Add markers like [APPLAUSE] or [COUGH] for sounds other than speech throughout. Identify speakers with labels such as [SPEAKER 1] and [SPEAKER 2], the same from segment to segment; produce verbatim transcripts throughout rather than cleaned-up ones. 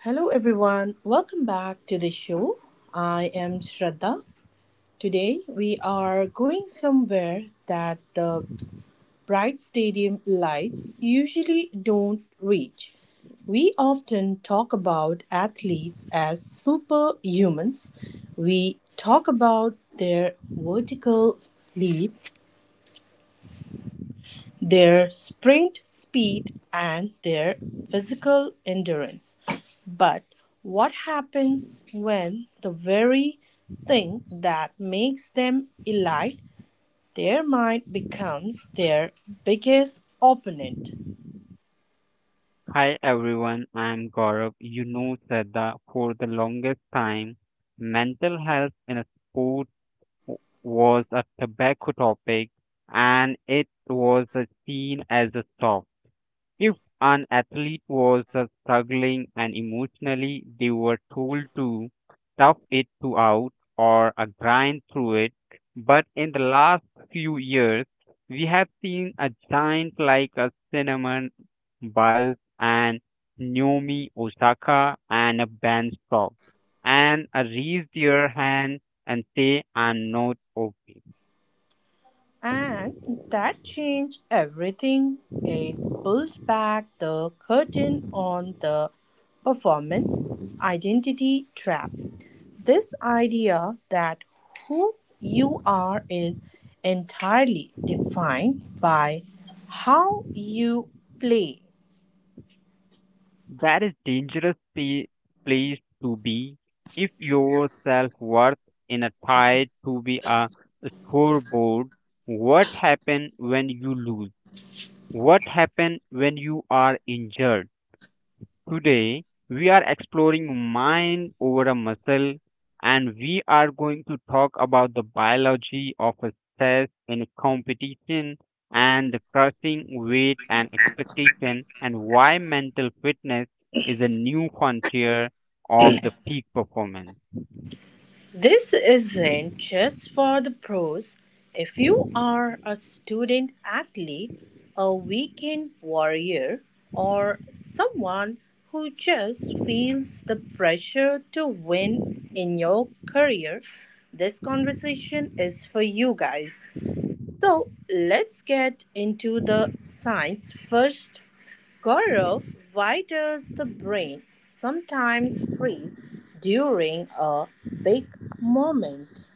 [SPEAKER 1] Hello, everyone. Welcome back to the show. I am Shraddha. Today, we are going somewhere that the bright stadium lights usually don't reach. We often talk about athletes as superhumans. We talk about their vertical leap, their sprint speed, and their physical endurance. But what happens when the very thing that makes them elite, their mind, becomes their biggest opponent?
[SPEAKER 2] Hi everyone, I'm Gaurav. You know, Shraddha, for the longest time, mental health in a sport w- was a tobacco topic and it was uh, seen as a soft. If an athlete was uh, struggling and emotionally, they were told to tough it to out or uh, grind through it. But in the last few years, we have seen a giant like a Cinnamon Biles and Naomi Osaka and a Ben Stock and a raise their hand and say, I'm not okay.
[SPEAKER 1] And that changed everything. It pulls back the curtain on the performance identity trap. This idea that who you are is entirely defined by how you play.
[SPEAKER 2] That is dangerous pe- place to be if your self-worth in a tied to be a scoreboard. What happen when you lose? What happen when you are injured? Today, we are exploring mind over a muscle and we are going to talk about the biology of a stress in a competition and the crushing weight and expectation and why mental fitness is a new frontier of the peak performance.
[SPEAKER 1] This isn't just for the pros. If you are a student athlete, a weekend warrior, or someone who just feels the pressure to win in your career, this conversation is for you guys. So let's get into the science first, Gaurav, why does the brain sometimes freeze during a big moment?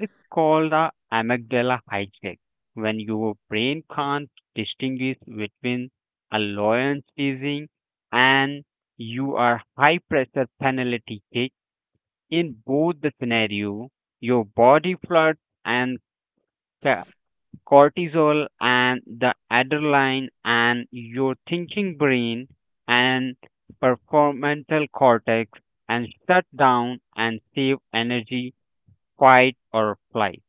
[SPEAKER 2] It's called the amygdala hijack. When your brain can't distinguish between a lion teasing and you are high pressure penalty kick in both the scenario, your body floods and ca- cortisol and the adrenaline and your thinking brain and prefrontal cortex and shut down and save energy fight or flight.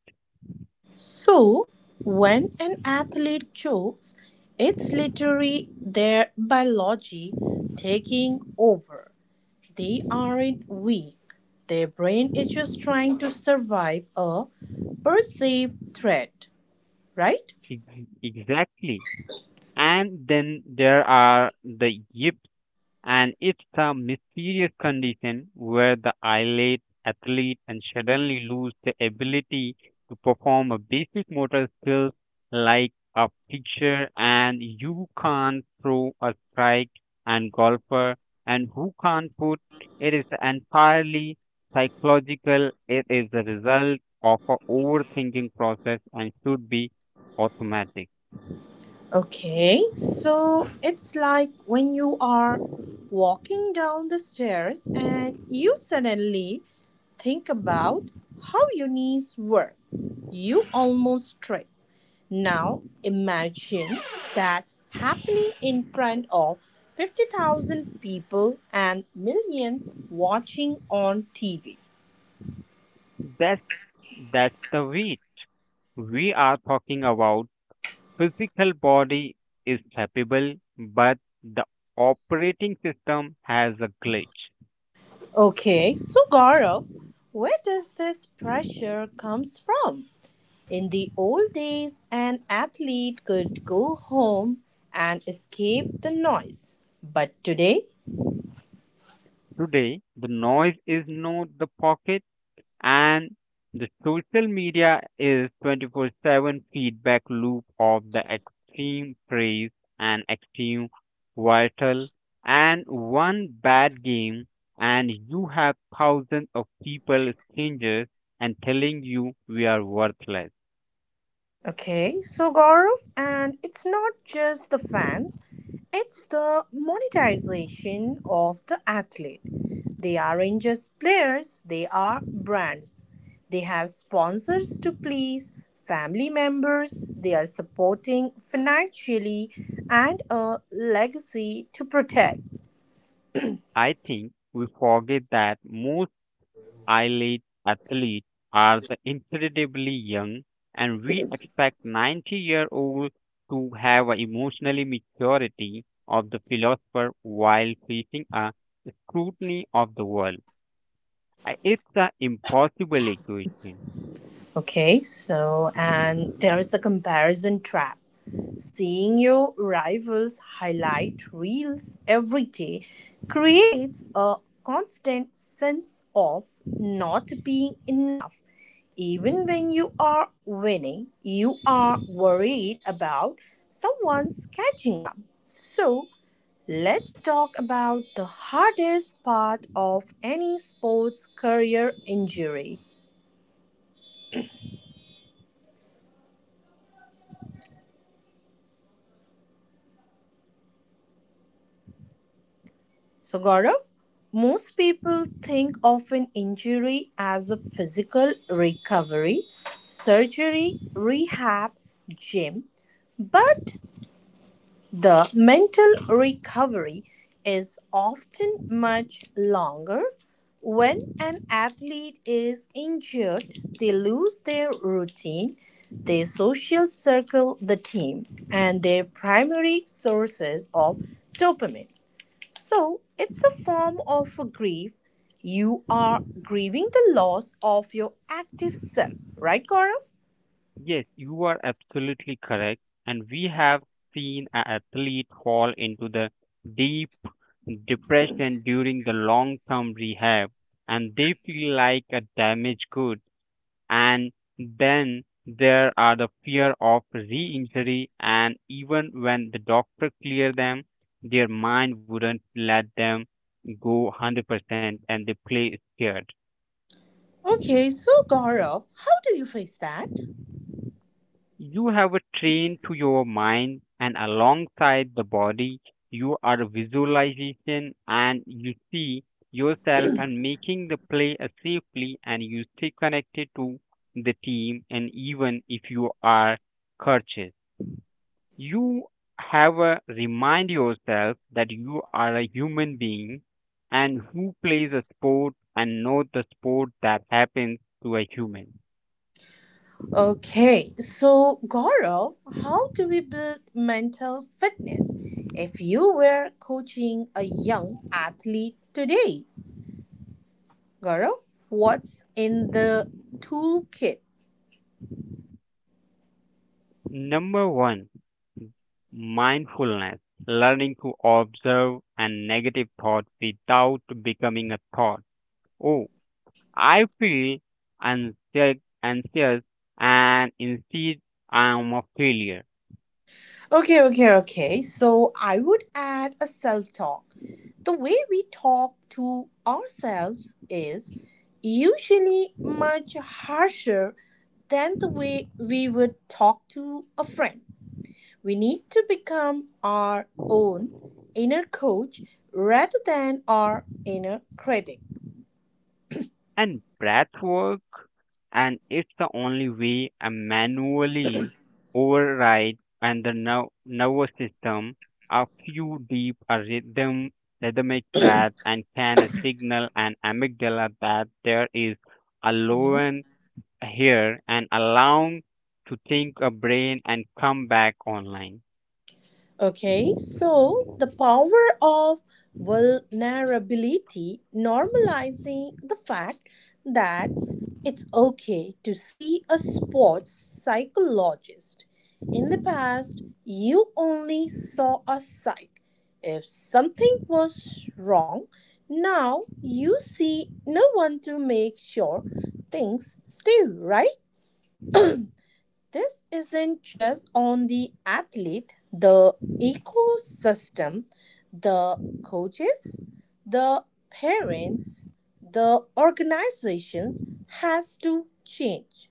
[SPEAKER 1] So, when an athlete chokes, it's literally their biology taking over. They aren't weak. Their brain is just trying to survive a perceived threat, right?
[SPEAKER 2] Ex- Exactly. And then there are the yips, and it's a mysterious condition where the eyelid athlete and suddenly lose the ability to perform a basic motor skills like a pitcher, and you can't throw a strike, and golfer, and who can't put. It is entirely psychological. It is the result of a overthinking process and should be automatic.
[SPEAKER 1] Okay, so it's like when you are walking down the stairs and you suddenly think about how your knees were. You almost trip. Now imagine that happening in front of fifty thousand people and millions watching on T V.
[SPEAKER 2] That's that's the weight. We are talking about physical body is capable, but the operating system has a glitch.
[SPEAKER 1] Okay, so Gaurav, where does this pressure comes from? In the old days, an athlete could go home and escape the noise. But today,
[SPEAKER 2] Today, the noise is not the pocket. And the social media is twenty-four seven feedback loop of the extreme praise and extreme vital and one bad game and you have thousands of people strangers and telling you we are worthless.
[SPEAKER 1] okay, so Gaurav, and it's not just the fans, it's the monetization of the athlete. They aren't just players, they are brands. They have sponsors to please, family members, they are supporting financially, and a legacy to protect.
[SPEAKER 2] I think we forget that most elite athletes are the incredibly young, and we expect ninety year old to have an emotionally maturity of the philosopher while facing a scrutiny of the world. I- It's an impossible equation.
[SPEAKER 1] Okay, so and there is the comparison trap. Seeing your rivals' highlight reels every day creates a constant sense of not being enough. Even when you are winning, you are worried about someone's catching up. So, let's talk about the hardest part of any sports career injury. So, Gaurav, most people think of an injury as a physical recovery, surgery, rehab, gym, but the mental recovery is often much longer. When an athlete is injured, they lose their routine, their social circle, the team, and their primary sources of dopamine. So it's a form of grief. You are grieving the loss of your active self, right, Gaurav?
[SPEAKER 2] Yes, you are absolutely correct, and we have seen an athlete fall into the deep depression during the long term rehab and they feel like a damaged good. And then there are the fear of re-injury, and even when the doctor clear them, their mind wouldn't let them go one hundred percent and they play scared.
[SPEAKER 1] Okay, so Gaurav, how do you face that?
[SPEAKER 2] You have a train to your mind, and alongside the body, you are a visualization and you see yourself and making the play as safely, and you stay connected to the team, and even if you are cursed, you have a remind yourself that you are a human being and who plays a sport and not the sport that happens to a human.
[SPEAKER 1] Okay, so Gaurav, how do we build mental fitness? If you were coaching a young athlete today, Gaurav, what's in the toolkit?
[SPEAKER 2] Number one, mindfulness, learning to observe a negative thought without becoming a thought. Oh, I feel anxie- anxious and instead I am a failure.
[SPEAKER 1] Okay, okay, okay. So I would add a self talk. The way we talk to ourselves is usually much harsher than the way we would talk to a friend. We need to become our own inner coach rather than our inner critic.
[SPEAKER 2] And breath work and it's the only way I manually override and the nerv- nervous system a few deep a rhythm rhythmic breath and can signal an amygdala that there is a loan here and allowing to think a brain and come back online.
[SPEAKER 1] Okay, so the power of vulnerability, normalizing the fact that it's okay to see a sports psychologist. In the past, you only saw a psych if something was wrong. Now you see no one to make sure things stay right. This isn't just on the athlete, the ecosystem, the coaches, the parents, the organizations has to change.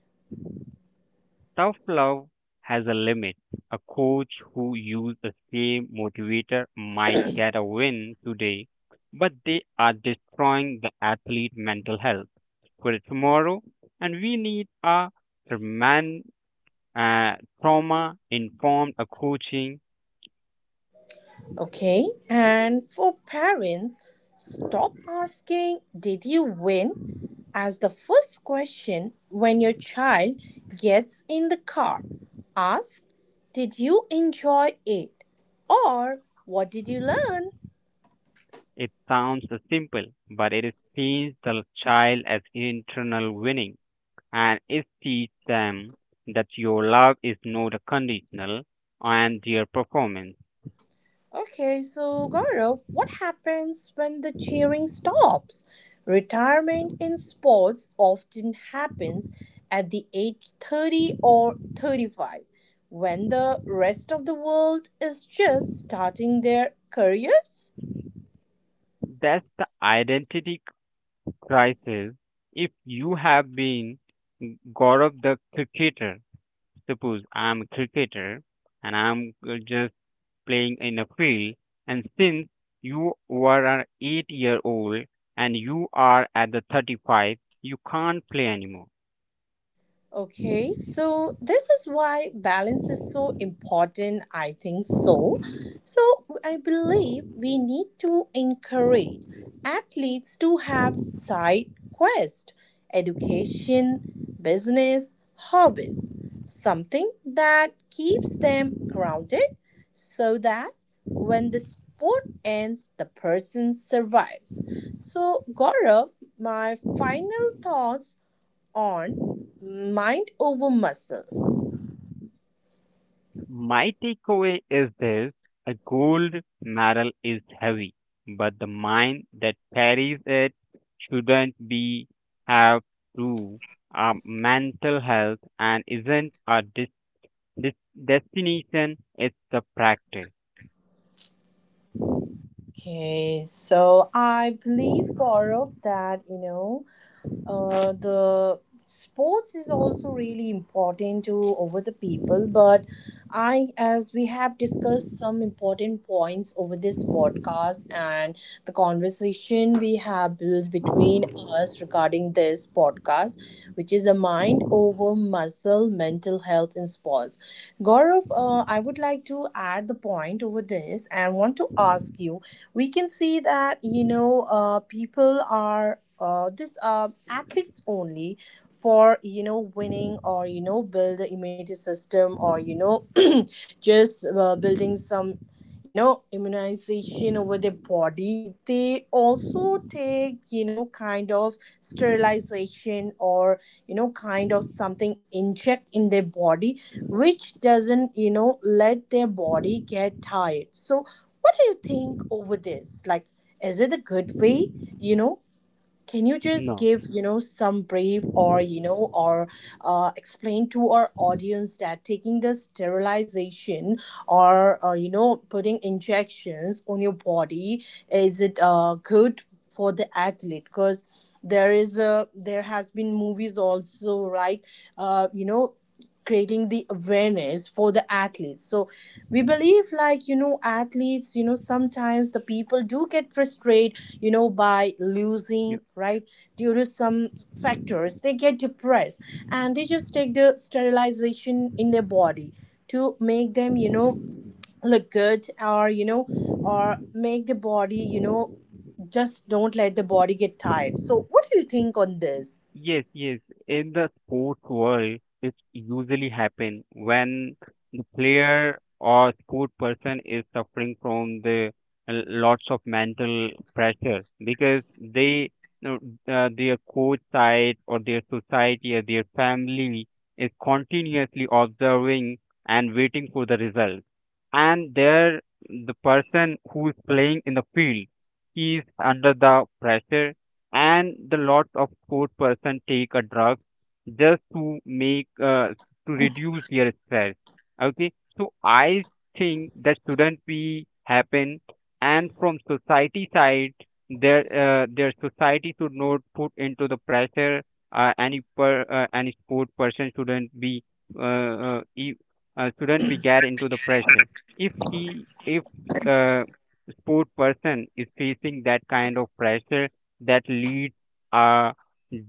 [SPEAKER 2] Tough love has a limit. A coach who uses the same motivator might get a win today, but they are destroying the athlete mental health for tomorrow. And we need a man, uh, trauma informed coaching.
[SPEAKER 1] Okay? And for parents, stop asking, "Did you win?" as the first question when your child gets in the car. Ask, "Did you enjoy it?" Or, "What did you learn?"
[SPEAKER 2] It sounds simple, but it sees the child as internal winning, and it teaches them that your love is not conditional on their performance.
[SPEAKER 1] Okay, so Gaurav, what happens when the cheering stops? Retirement in sports often happens at the age thirty or thirty-five when the rest of the world is just starting their careers.
[SPEAKER 2] That's the identity crisis. If you have been Gaurav the cricketer, suppose I'm a cricketer and I'm just playing in a field, and since you were an eight year old and you are at the thirty-five, you can't play anymore.
[SPEAKER 1] Okay, so this is why balance is so important. I think so. So, I believe we need to encourage athletes to have side quests, education, business, hobbies, something that keeps them grounded so that when the sport ends, the person survives. So, Gaurav, my final thoughts on mind over muscle.
[SPEAKER 2] My takeaway is this a gold medal is heavy, but the mind that carries it shouldn't be have through our mental health and isn't a dis- dis- destination, it's a practice.
[SPEAKER 1] Okay, so I believe, Gaurav, that you know uh, the sports is also really important to over the people, but i, as we have discussed some important points over this podcast and the conversation we have built between us regarding this podcast, which is a mind over muscle, mental health in sports, gaurav uh, i would like to add the point over this and want to ask you, we can see that you know uh, people are, uh, this, uh, athletes only for you know winning, or you know build the immunity system, or you know just uh, building some you know immunization over their body. They also take you know kind of sterilization or you know kind of something inject in their body, which doesn't you know let their body get tired. So what do you think over this, like is it a good way? you know can you just
[SPEAKER 2] No.
[SPEAKER 1] give you know some brief, or you know or uh, explain to our audience that taking the sterilization, or or you know putting injections on your body, is it uh, good for the athlete? Because there is a there has been movies also like, uh, you know creating the awareness for the athletes. So we believe like, you know athletes, you know sometimes the people do get frustrated, you know by losing, right? Due to some factors they get depressed, and they just take the sterilization in their body to make them you know look good, or you know or make the body, you know just don't let the body get tired. So what do you think on this?
[SPEAKER 2] Yes, yes. In the sports world, it usually happen when the player or sport person is suffering from the l- lots of mental pressure because they uh, uh, their coach side or their society or their family is continuously observing and waiting for the result. And there, the person who is playing in the field, he is under the pressure and the lot of poor person take a drug just to make uh, to reduce their stress. Okay, so i think that shouldn't be happen and from society side their uh, their society should not put into the pressure uh, any per uh, any sport person shouldn't be uh, uh, e- uh, shouldn't be get into the pressure if he if uh, sport person is facing that kind of pressure that leads a,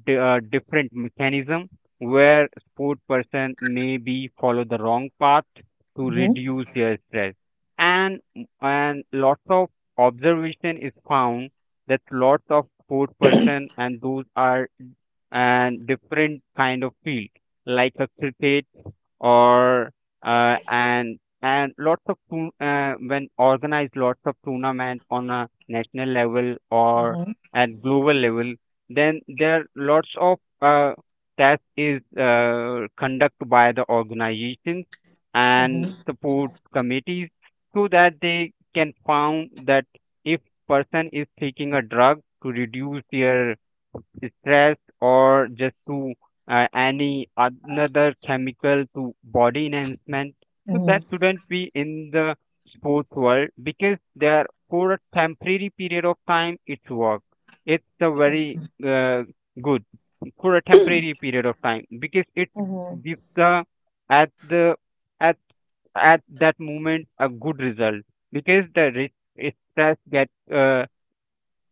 [SPEAKER 2] d- a different mechanism where sport person maybe follow the wrong path to
[SPEAKER 1] Mm-hmm.
[SPEAKER 2] reduce their stress and and lots of observation is found that lots of sport person and those are and different kind of field like a cricket or uh, and and lots of tour- uh, when organized lots of tournament on a national level or
[SPEAKER 1] Mm-hmm.
[SPEAKER 2] at global level then there are lots of uh, that is uh, conducted by the organizations and
[SPEAKER 1] Mm-hmm.
[SPEAKER 2] support committees so that they can found that if person is taking a drug to reduce their stress or just to uh, any another chemical to body enhancement so that shouldn't be in the sports world because they are for a temporary period of time it's work it's a very uh, good for a temporary period of time because it
[SPEAKER 1] Mm-hmm.
[SPEAKER 2] gives the at the at at that moment a good result because the risk stress get uh,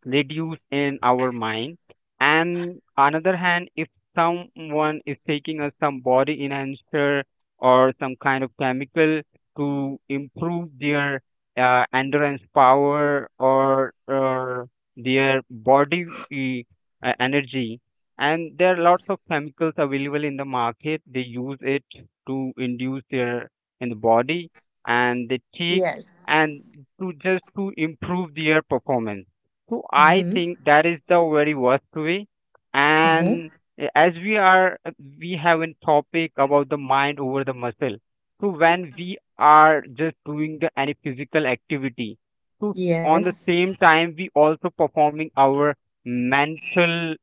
[SPEAKER 2] reduced in our mind. And another hand, if someone is taking us some body enhancer or some kind of chemical to improve their uh, endurance power or, or their body e, uh, energy, and there are lots of chemicals available in the market. They use it to induce their in the body, and they take
[SPEAKER 1] Yes.
[SPEAKER 2] and to just to improve their performance so I
[SPEAKER 1] Mm-hmm.
[SPEAKER 2] think that is the very worst way.
[SPEAKER 1] Mm-hmm.
[SPEAKER 2] And eh, as we are, we have a topic about the mind over the muscle. So when we are just doing the any physical activity, so on the
[SPEAKER 1] Yes.
[SPEAKER 2] same time we also performing our mental m-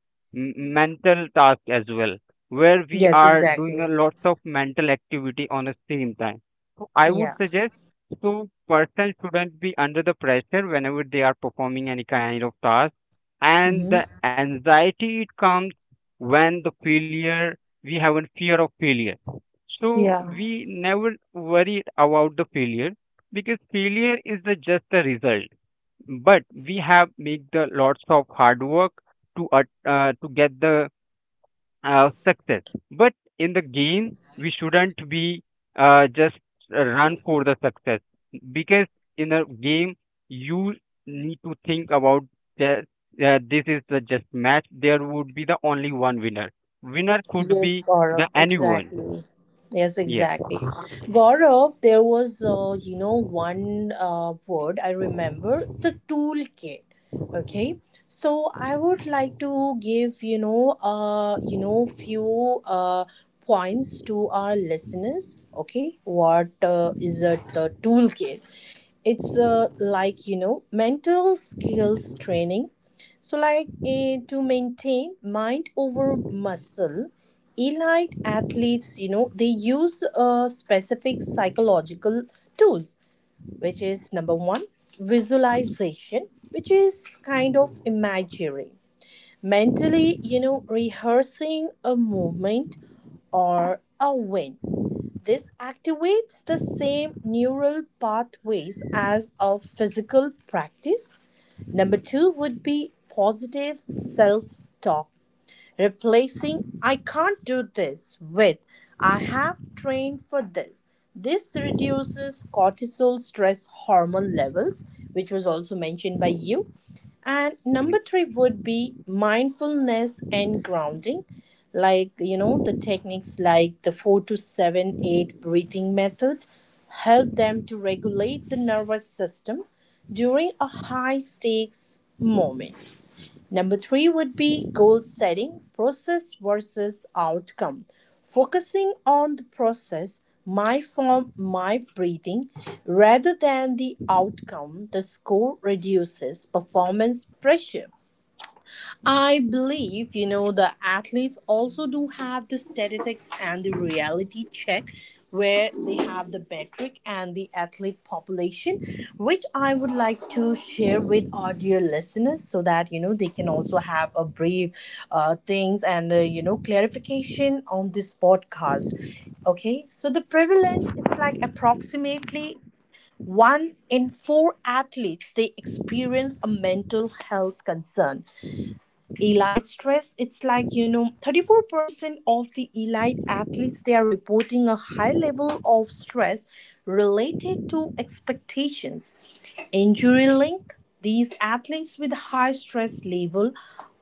[SPEAKER 2] mental task as well, where
[SPEAKER 1] Yes,
[SPEAKER 2] we are doing
[SPEAKER 1] exactly.
[SPEAKER 2] a lots of mental activity on the same time. So I would
[SPEAKER 1] Yeah.
[SPEAKER 2] suggest so person shouldn't be under the pressure whenever they are performing any kind of task. And the
[SPEAKER 1] Mm-hmm.
[SPEAKER 2] anxiety it comes when the failure we have a fear of failure. So
[SPEAKER 1] Yeah.
[SPEAKER 2] we never worry about the failure because failure is the just the result. But we have make the lots of hard work to at- uh, to get the uh, success. But in the game, we shouldn't be uh, just run for the success because in a game, you need to think about that uh, this is the just match. There would be the only one winner. Winner could
[SPEAKER 1] Yes,
[SPEAKER 2] be
[SPEAKER 1] Gaurav,
[SPEAKER 2] the anyone.
[SPEAKER 1] exactly. Yes,
[SPEAKER 2] Yes.
[SPEAKER 1] exactly. Gaurav, there was, uh, you know, one uh, word I remember, the toolkit. Okay. So I would like to give, you know, uh, you know, few uh, points to our listeners. Okay. What uh, is a, a toolkit? It's uh, like, you know, mental skills training. So, like, eh, to maintain mind over muscle, elite athletes, you know, they use uh, specific psychological tools, which is: number one, visualization, which is kind of imagery. Mentally, you know, rehearsing a movement or a win. This activates the same neural pathways as a physical practice. Number two would be positive self-talk. Replacing "I can't do this" with "I have trained for this." This reduces cortisol stress hormone levels, which was also mentioned by you. And
[SPEAKER 2] Mm-hmm.
[SPEAKER 1] number three would be mindfulness and grounding, like, you know, the techniques like the four to seven eight breathing method help them to regulate the nervous system during a high stakes moment. Number three would be goal setting, process versus outcome. Focusing on the process, my form, my breathing, rather than the outcome, the score, reduces performance pressure. I believe, you know, the athletes also do have the statistics and the reality check where they have the metric and the athlete population, which I would like to share with our dear listeners so that, you know, they can also have a brief uh, things and, uh, you know, clarification on this podcast. Okay, so the prevalence, it's like approximately one in four athletes, they experience a mental health concern. Elite stress, it's like you know thirty-four percent of the elite athletes, they are reporting a high level of stress related to expectations. Injury link, these athletes with high stress level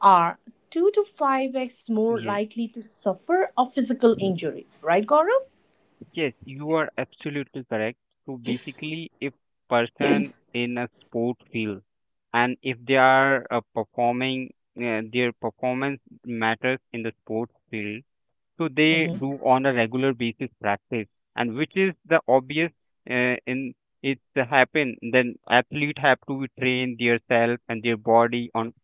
[SPEAKER 1] are two to five x more
[SPEAKER 2] Yes.
[SPEAKER 1] likely to suffer a physical injury, right, gaurav?
[SPEAKER 2] Yes, you are absolutely correct. So basically, if person in a sport field and if they are uh, performing, uh, their performance matters in the sports field. So they
[SPEAKER 1] Mm-hmm.
[SPEAKER 2] do on a regular basis practice, and which is the obvious uh, in it happen. Then athlete have to train their and their body on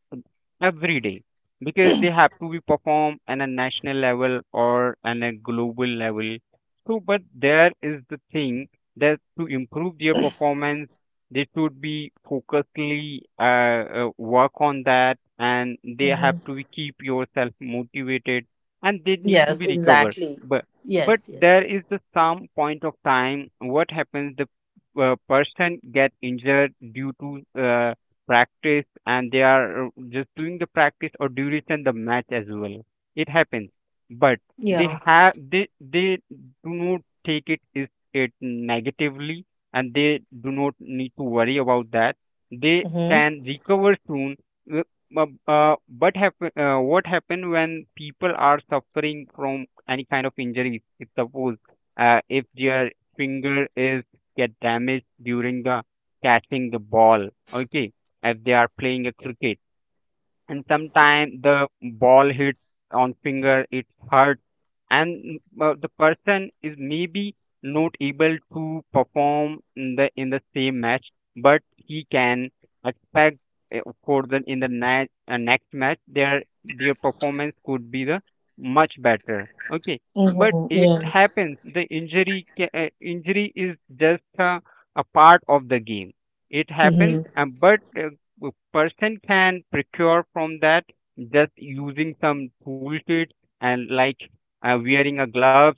[SPEAKER 2] every day because they have to be performed on a national level or on a global level. So, but there is the thing that to improve their performance, they should be focusedly uh, uh, work on that, and they have
[SPEAKER 1] Mm-hmm.
[SPEAKER 2] to be keep yourself motivated and they need to
[SPEAKER 1] Yes,
[SPEAKER 2] be recovered
[SPEAKER 1] exactly.
[SPEAKER 2] but but
[SPEAKER 1] Yes. Yes.
[SPEAKER 2] there is the some point of time what happens the uh, person get injured due to uh, practice and they are uh, just doing the practice or duration the match as well it happens but they
[SPEAKER 1] Yeah.
[SPEAKER 2] have they they do not take it is it negatively and they do not need to worry about that they
[SPEAKER 1] Mm-hmm.
[SPEAKER 2] can recover soon. uh, bu- uh, but happen, uh, what happen when people are suffering from any kind of injury? If suppose uh, if their finger is get damaged during the catching the ball, okay, if they are playing a cricket and sometimes the ball hit on finger it hurt and mm, uh, the person is maybe not able to perform in the in the same match but he can expect uh, for the in the next uh, next match their their performance could be the much better. Okay. But
[SPEAKER 1] Mm-hmm.
[SPEAKER 2] it
[SPEAKER 1] Yes.
[SPEAKER 2] happens the injury ca- uh, injury is just uh, a part of the game it happens
[SPEAKER 1] Mm-hmm.
[SPEAKER 2] uh, but uh, a person can procure from that just using some toolkits and like uh, wearing a gloves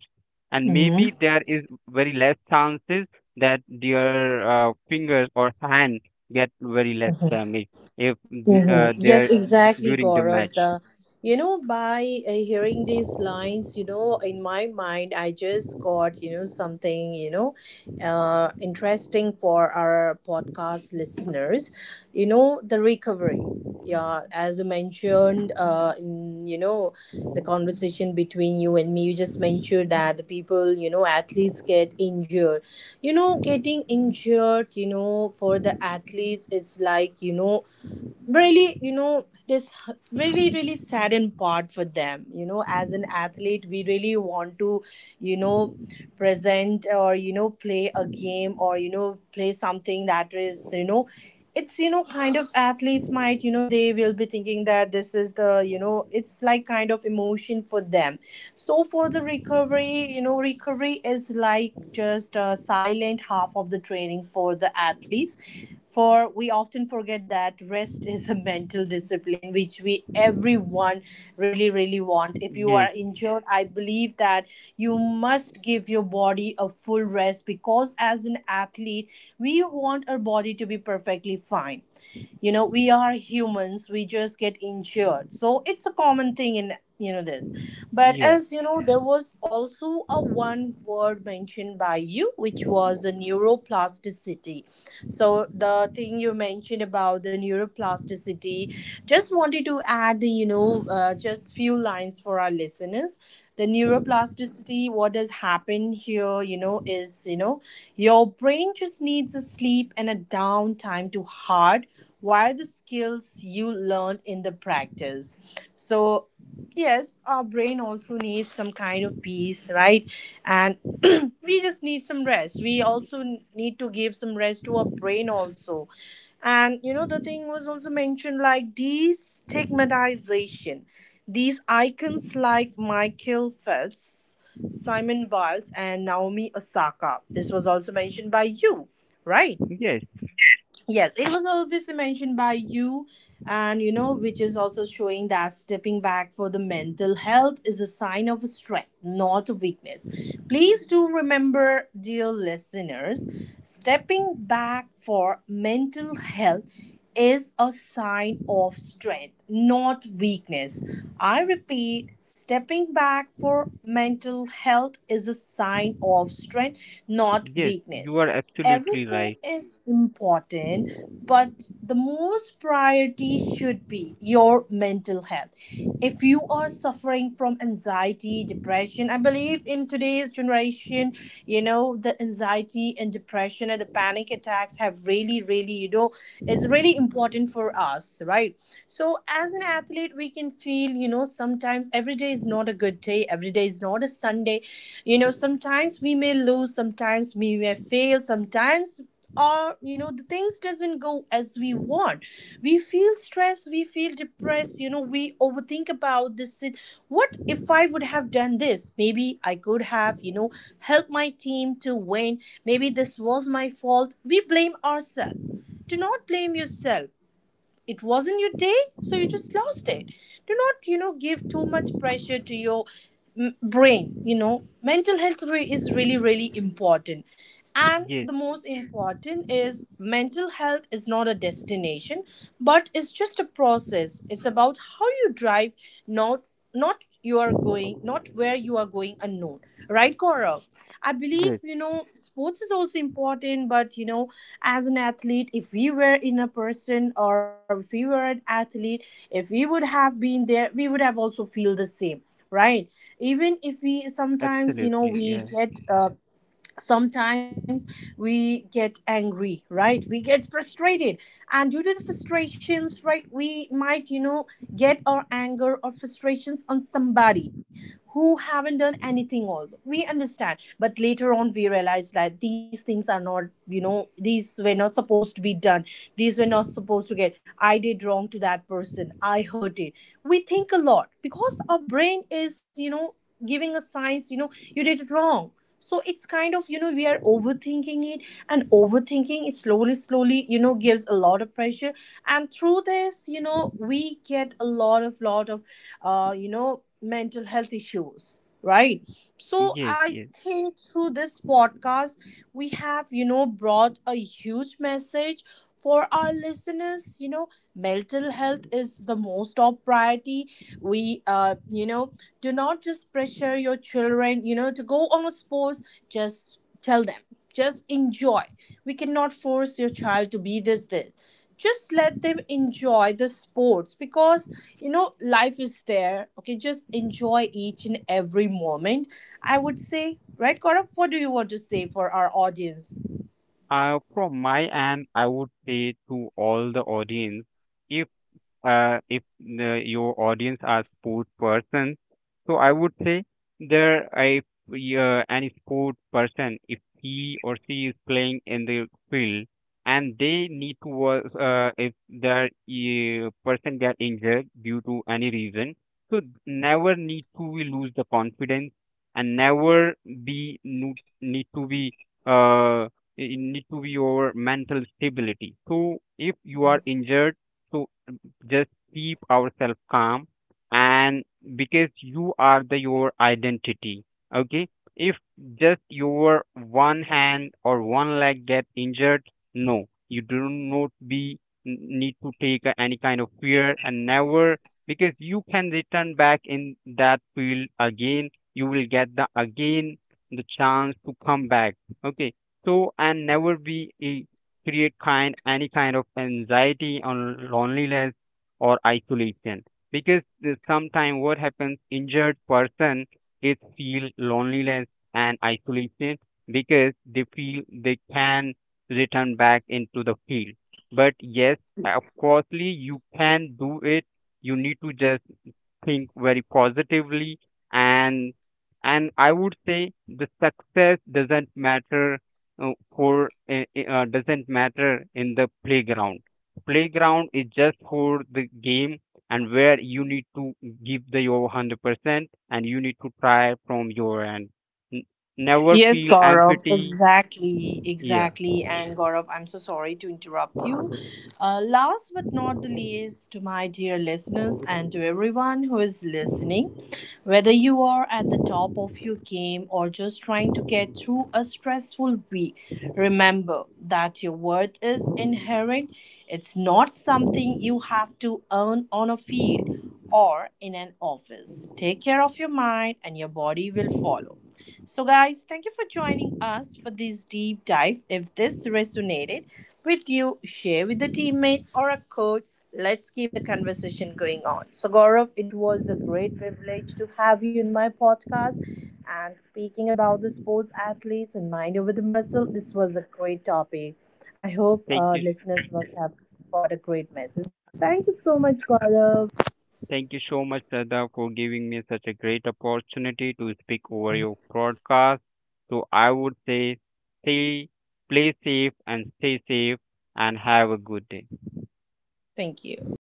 [SPEAKER 2] and maybe
[SPEAKER 1] Mm-hmm.
[SPEAKER 2] there is very less chances that their uh, fingers or hand get very less damage if the, uh,
[SPEAKER 1] Hmm.
[SPEAKER 2] they're
[SPEAKER 1] Yes,
[SPEAKER 2] d-
[SPEAKER 1] exactly,
[SPEAKER 2] during the match.
[SPEAKER 1] Gaurav. The you know by uh, hearing these lines, you know, in my mind, I just got, you know something, you know, uh, interesting for our podcast listeners. You know, the recovery. Yeah, as you mentioned, uh, in, you know, the conversation between you and me, you just mentioned that the people, you know, athletes get injured. You know, getting injured, you know, for the athletes, it's like, you know really, you know this really really saddened part for them. You know, as an athlete we really want to, you know present, or you know play a game, or you know play something that is, you know it's, you know kind of athletes might, you know they will be thinking that this is the, you know it's like kind of emotion for them. So for the recovery, you know recovery is like just a silent half of the training for the athletes, for we often forget that rest is a mental discipline, which we everyone really really want. If you are
[SPEAKER 2] Yes.
[SPEAKER 1] injured, I believe that you must give your body a full rest, because as an athlete we want our body to be perfectly fine. You know, we are humans, we just get injured, so it's a common thing in, you know this. But,
[SPEAKER 2] Yeah.
[SPEAKER 1] as you know, there was also a one word mentioned by you, which was a neuroplasticity. So the thing you mentioned about the neuroplasticity, just wanted to add, you know, uh, just few lines for our listeners. The neuroplasticity, what has happened here, you know, is you know, your brain just needs a sleep and a downtime to hard wire the skills you learned in the practice. So yes, our brain also needs some kind of peace, right? And [CLEARS THROAT] we just need some rest. We also n- need to give some rest to our brain also. And you know, the thing was also mentioned like destigmatization. These icons like Michael Phelps, Simon Biles and Naomi Osaka, this was also mentioned by you, right?
[SPEAKER 2] Yes,
[SPEAKER 1] Yes, it was obviously mentioned by you, and you know, which is also showing that stepping back for the mental health is a sign of strength, not a weakness. Please do remember, dear listeners, stepping back for mental health is a sign of strength, not weakness. I repeat, stepping back for mental health is a sign of strength, not
[SPEAKER 2] yes. You
[SPEAKER 1] weakness.
[SPEAKER 2] are absolutely
[SPEAKER 1] Everything
[SPEAKER 2] right.
[SPEAKER 1] is important, but the most priority should be your mental health. If you are suffering from anxiety, depression, I believe in today's generation, you know, the anxiety and depression and the panic attacks have really really you know, it's really important for us, right? So as an athlete, we can feel, you know, sometimes every day is not a good day, every day is not a Sunday. You know, sometimes we may lose, sometimes we may fail, sometimes, or you know, the things doesn't go as we want. We feel stressed, we feel depressed, you know, we overthink about this sit- what if I would have done this, maybe I could have, you know, helped my team to win. Maybe this was my fault, we blame ourselves. Do not blame yourself. It wasn't your day, so you just lost it. Do not, you know, give too much pressure to your m- brain. You know, mental health re- is really really important. And
[SPEAKER 2] Yes,
[SPEAKER 1] the most important is mental health is not a destination, but it's just a process. It's about how you drive, not not you are going, not where you are going unknown, right Cora? I believe,
[SPEAKER 2] yes,
[SPEAKER 1] you know, sports is also important, but, you know, as an athlete, if we were in a person or if we were an athlete, if we would have been there, we would have also feel the same, right? Even if we sometimes, you
[SPEAKER 2] absolutely.
[SPEAKER 1] know,
[SPEAKER 2] Yeah.
[SPEAKER 1] we get uh, sometimes we get angry, right, we get frustrated. And due to the frustrations, right, we might, you know, get our anger or frustrations on somebody who haven't done anything also. We understand, but later on we realize that these things are not, you know, these were not supposed to be done, these were not supposed to get. I did wrong to that person, I hurt it. We think a lot because our brain is, you know, giving us signs, you know, you did it wrong. So it's kind of, you know, we are overthinking it. And overthinking it slowly slowly, you know, gives a lot of pressure. And through this, you know, we get a lot of lot of uh, you know, mental health issues, right? So
[SPEAKER 2] Yes,
[SPEAKER 1] I
[SPEAKER 2] yes.
[SPEAKER 1] think through this podcast, we have, you know, brought a huge message for our listeners. You know, mental health is the most top priority. We uh you know, do not just pressure your children, you know, to go on a sports, just tell them, just enjoy. We cannot force your child to be this this, just let them enjoy the sports. Because you know, life is there, okay, just enjoy each and every moment, I would say, right Gaurav? What do you want to say for our audience?
[SPEAKER 2] Uh, from my end, I would say to all the audience, if uh, if the, your audience are sport persons, so I would say there if uh, any sport person, if he or she is playing in the field and they need to was uh, if their uh, person get injured due to any reason, so never need to we lose the confidence and never be no- need to be uh, it need to be your mental stability. So if you are injured. So just keep ourselves calm and because you are the your identity. Okay. If just your one hand or one leg get injured no you do not be n- need to take a- any kind of fear and never because you can return back in that field again you will get the again the chance to come back. Okay. So and never be a create kind any kind of anxiety or loneliness or isolation because sometimes what happens injured person is feel loneliness and isolation because they feel they can return back into the field but yes of coursely, you can do it you need to just think very positively and and I would say the success doesn't matter uh, for uh, uh, doesn't matter in the playground playground is just for the game and where you need to give the your one hundred percent and you need to try from your end. N- Never
[SPEAKER 1] Yes,
[SPEAKER 2] feel
[SPEAKER 1] Gaurav,
[SPEAKER 2] empty.
[SPEAKER 1] exactly,
[SPEAKER 2] Yeah.
[SPEAKER 1] exactly. And Gaurav, I'm so sorry to interrupt you. Uh, last but not the least, to my dear listeners and to everyone who is listening, whether you are at the top of your game or just trying to get through a stressful week, remember that your worth is inherent. It's not something you have to earn on a field or in an office. Take care of your mind, and your body will follow. So, guys, thank you for joining us for this deep dive. If this resonated with you, share with a teammate or a coach. Let's keep the conversation going on. So, Gaurav, it was a great privilege to have you in my podcast. And speaking about the sports athletes and mind over the muscle, this was a great topic. I hope
[SPEAKER 2] Thank
[SPEAKER 1] our
[SPEAKER 2] you.
[SPEAKER 1] listeners must have got a great message. Thank you so much, Gaurav.
[SPEAKER 2] Thank you so much, Sada, for giving me such a great opportunity to speak over your broadcast. So I would say, stay, play safe and stay safe and have a good day.
[SPEAKER 1] Thank you.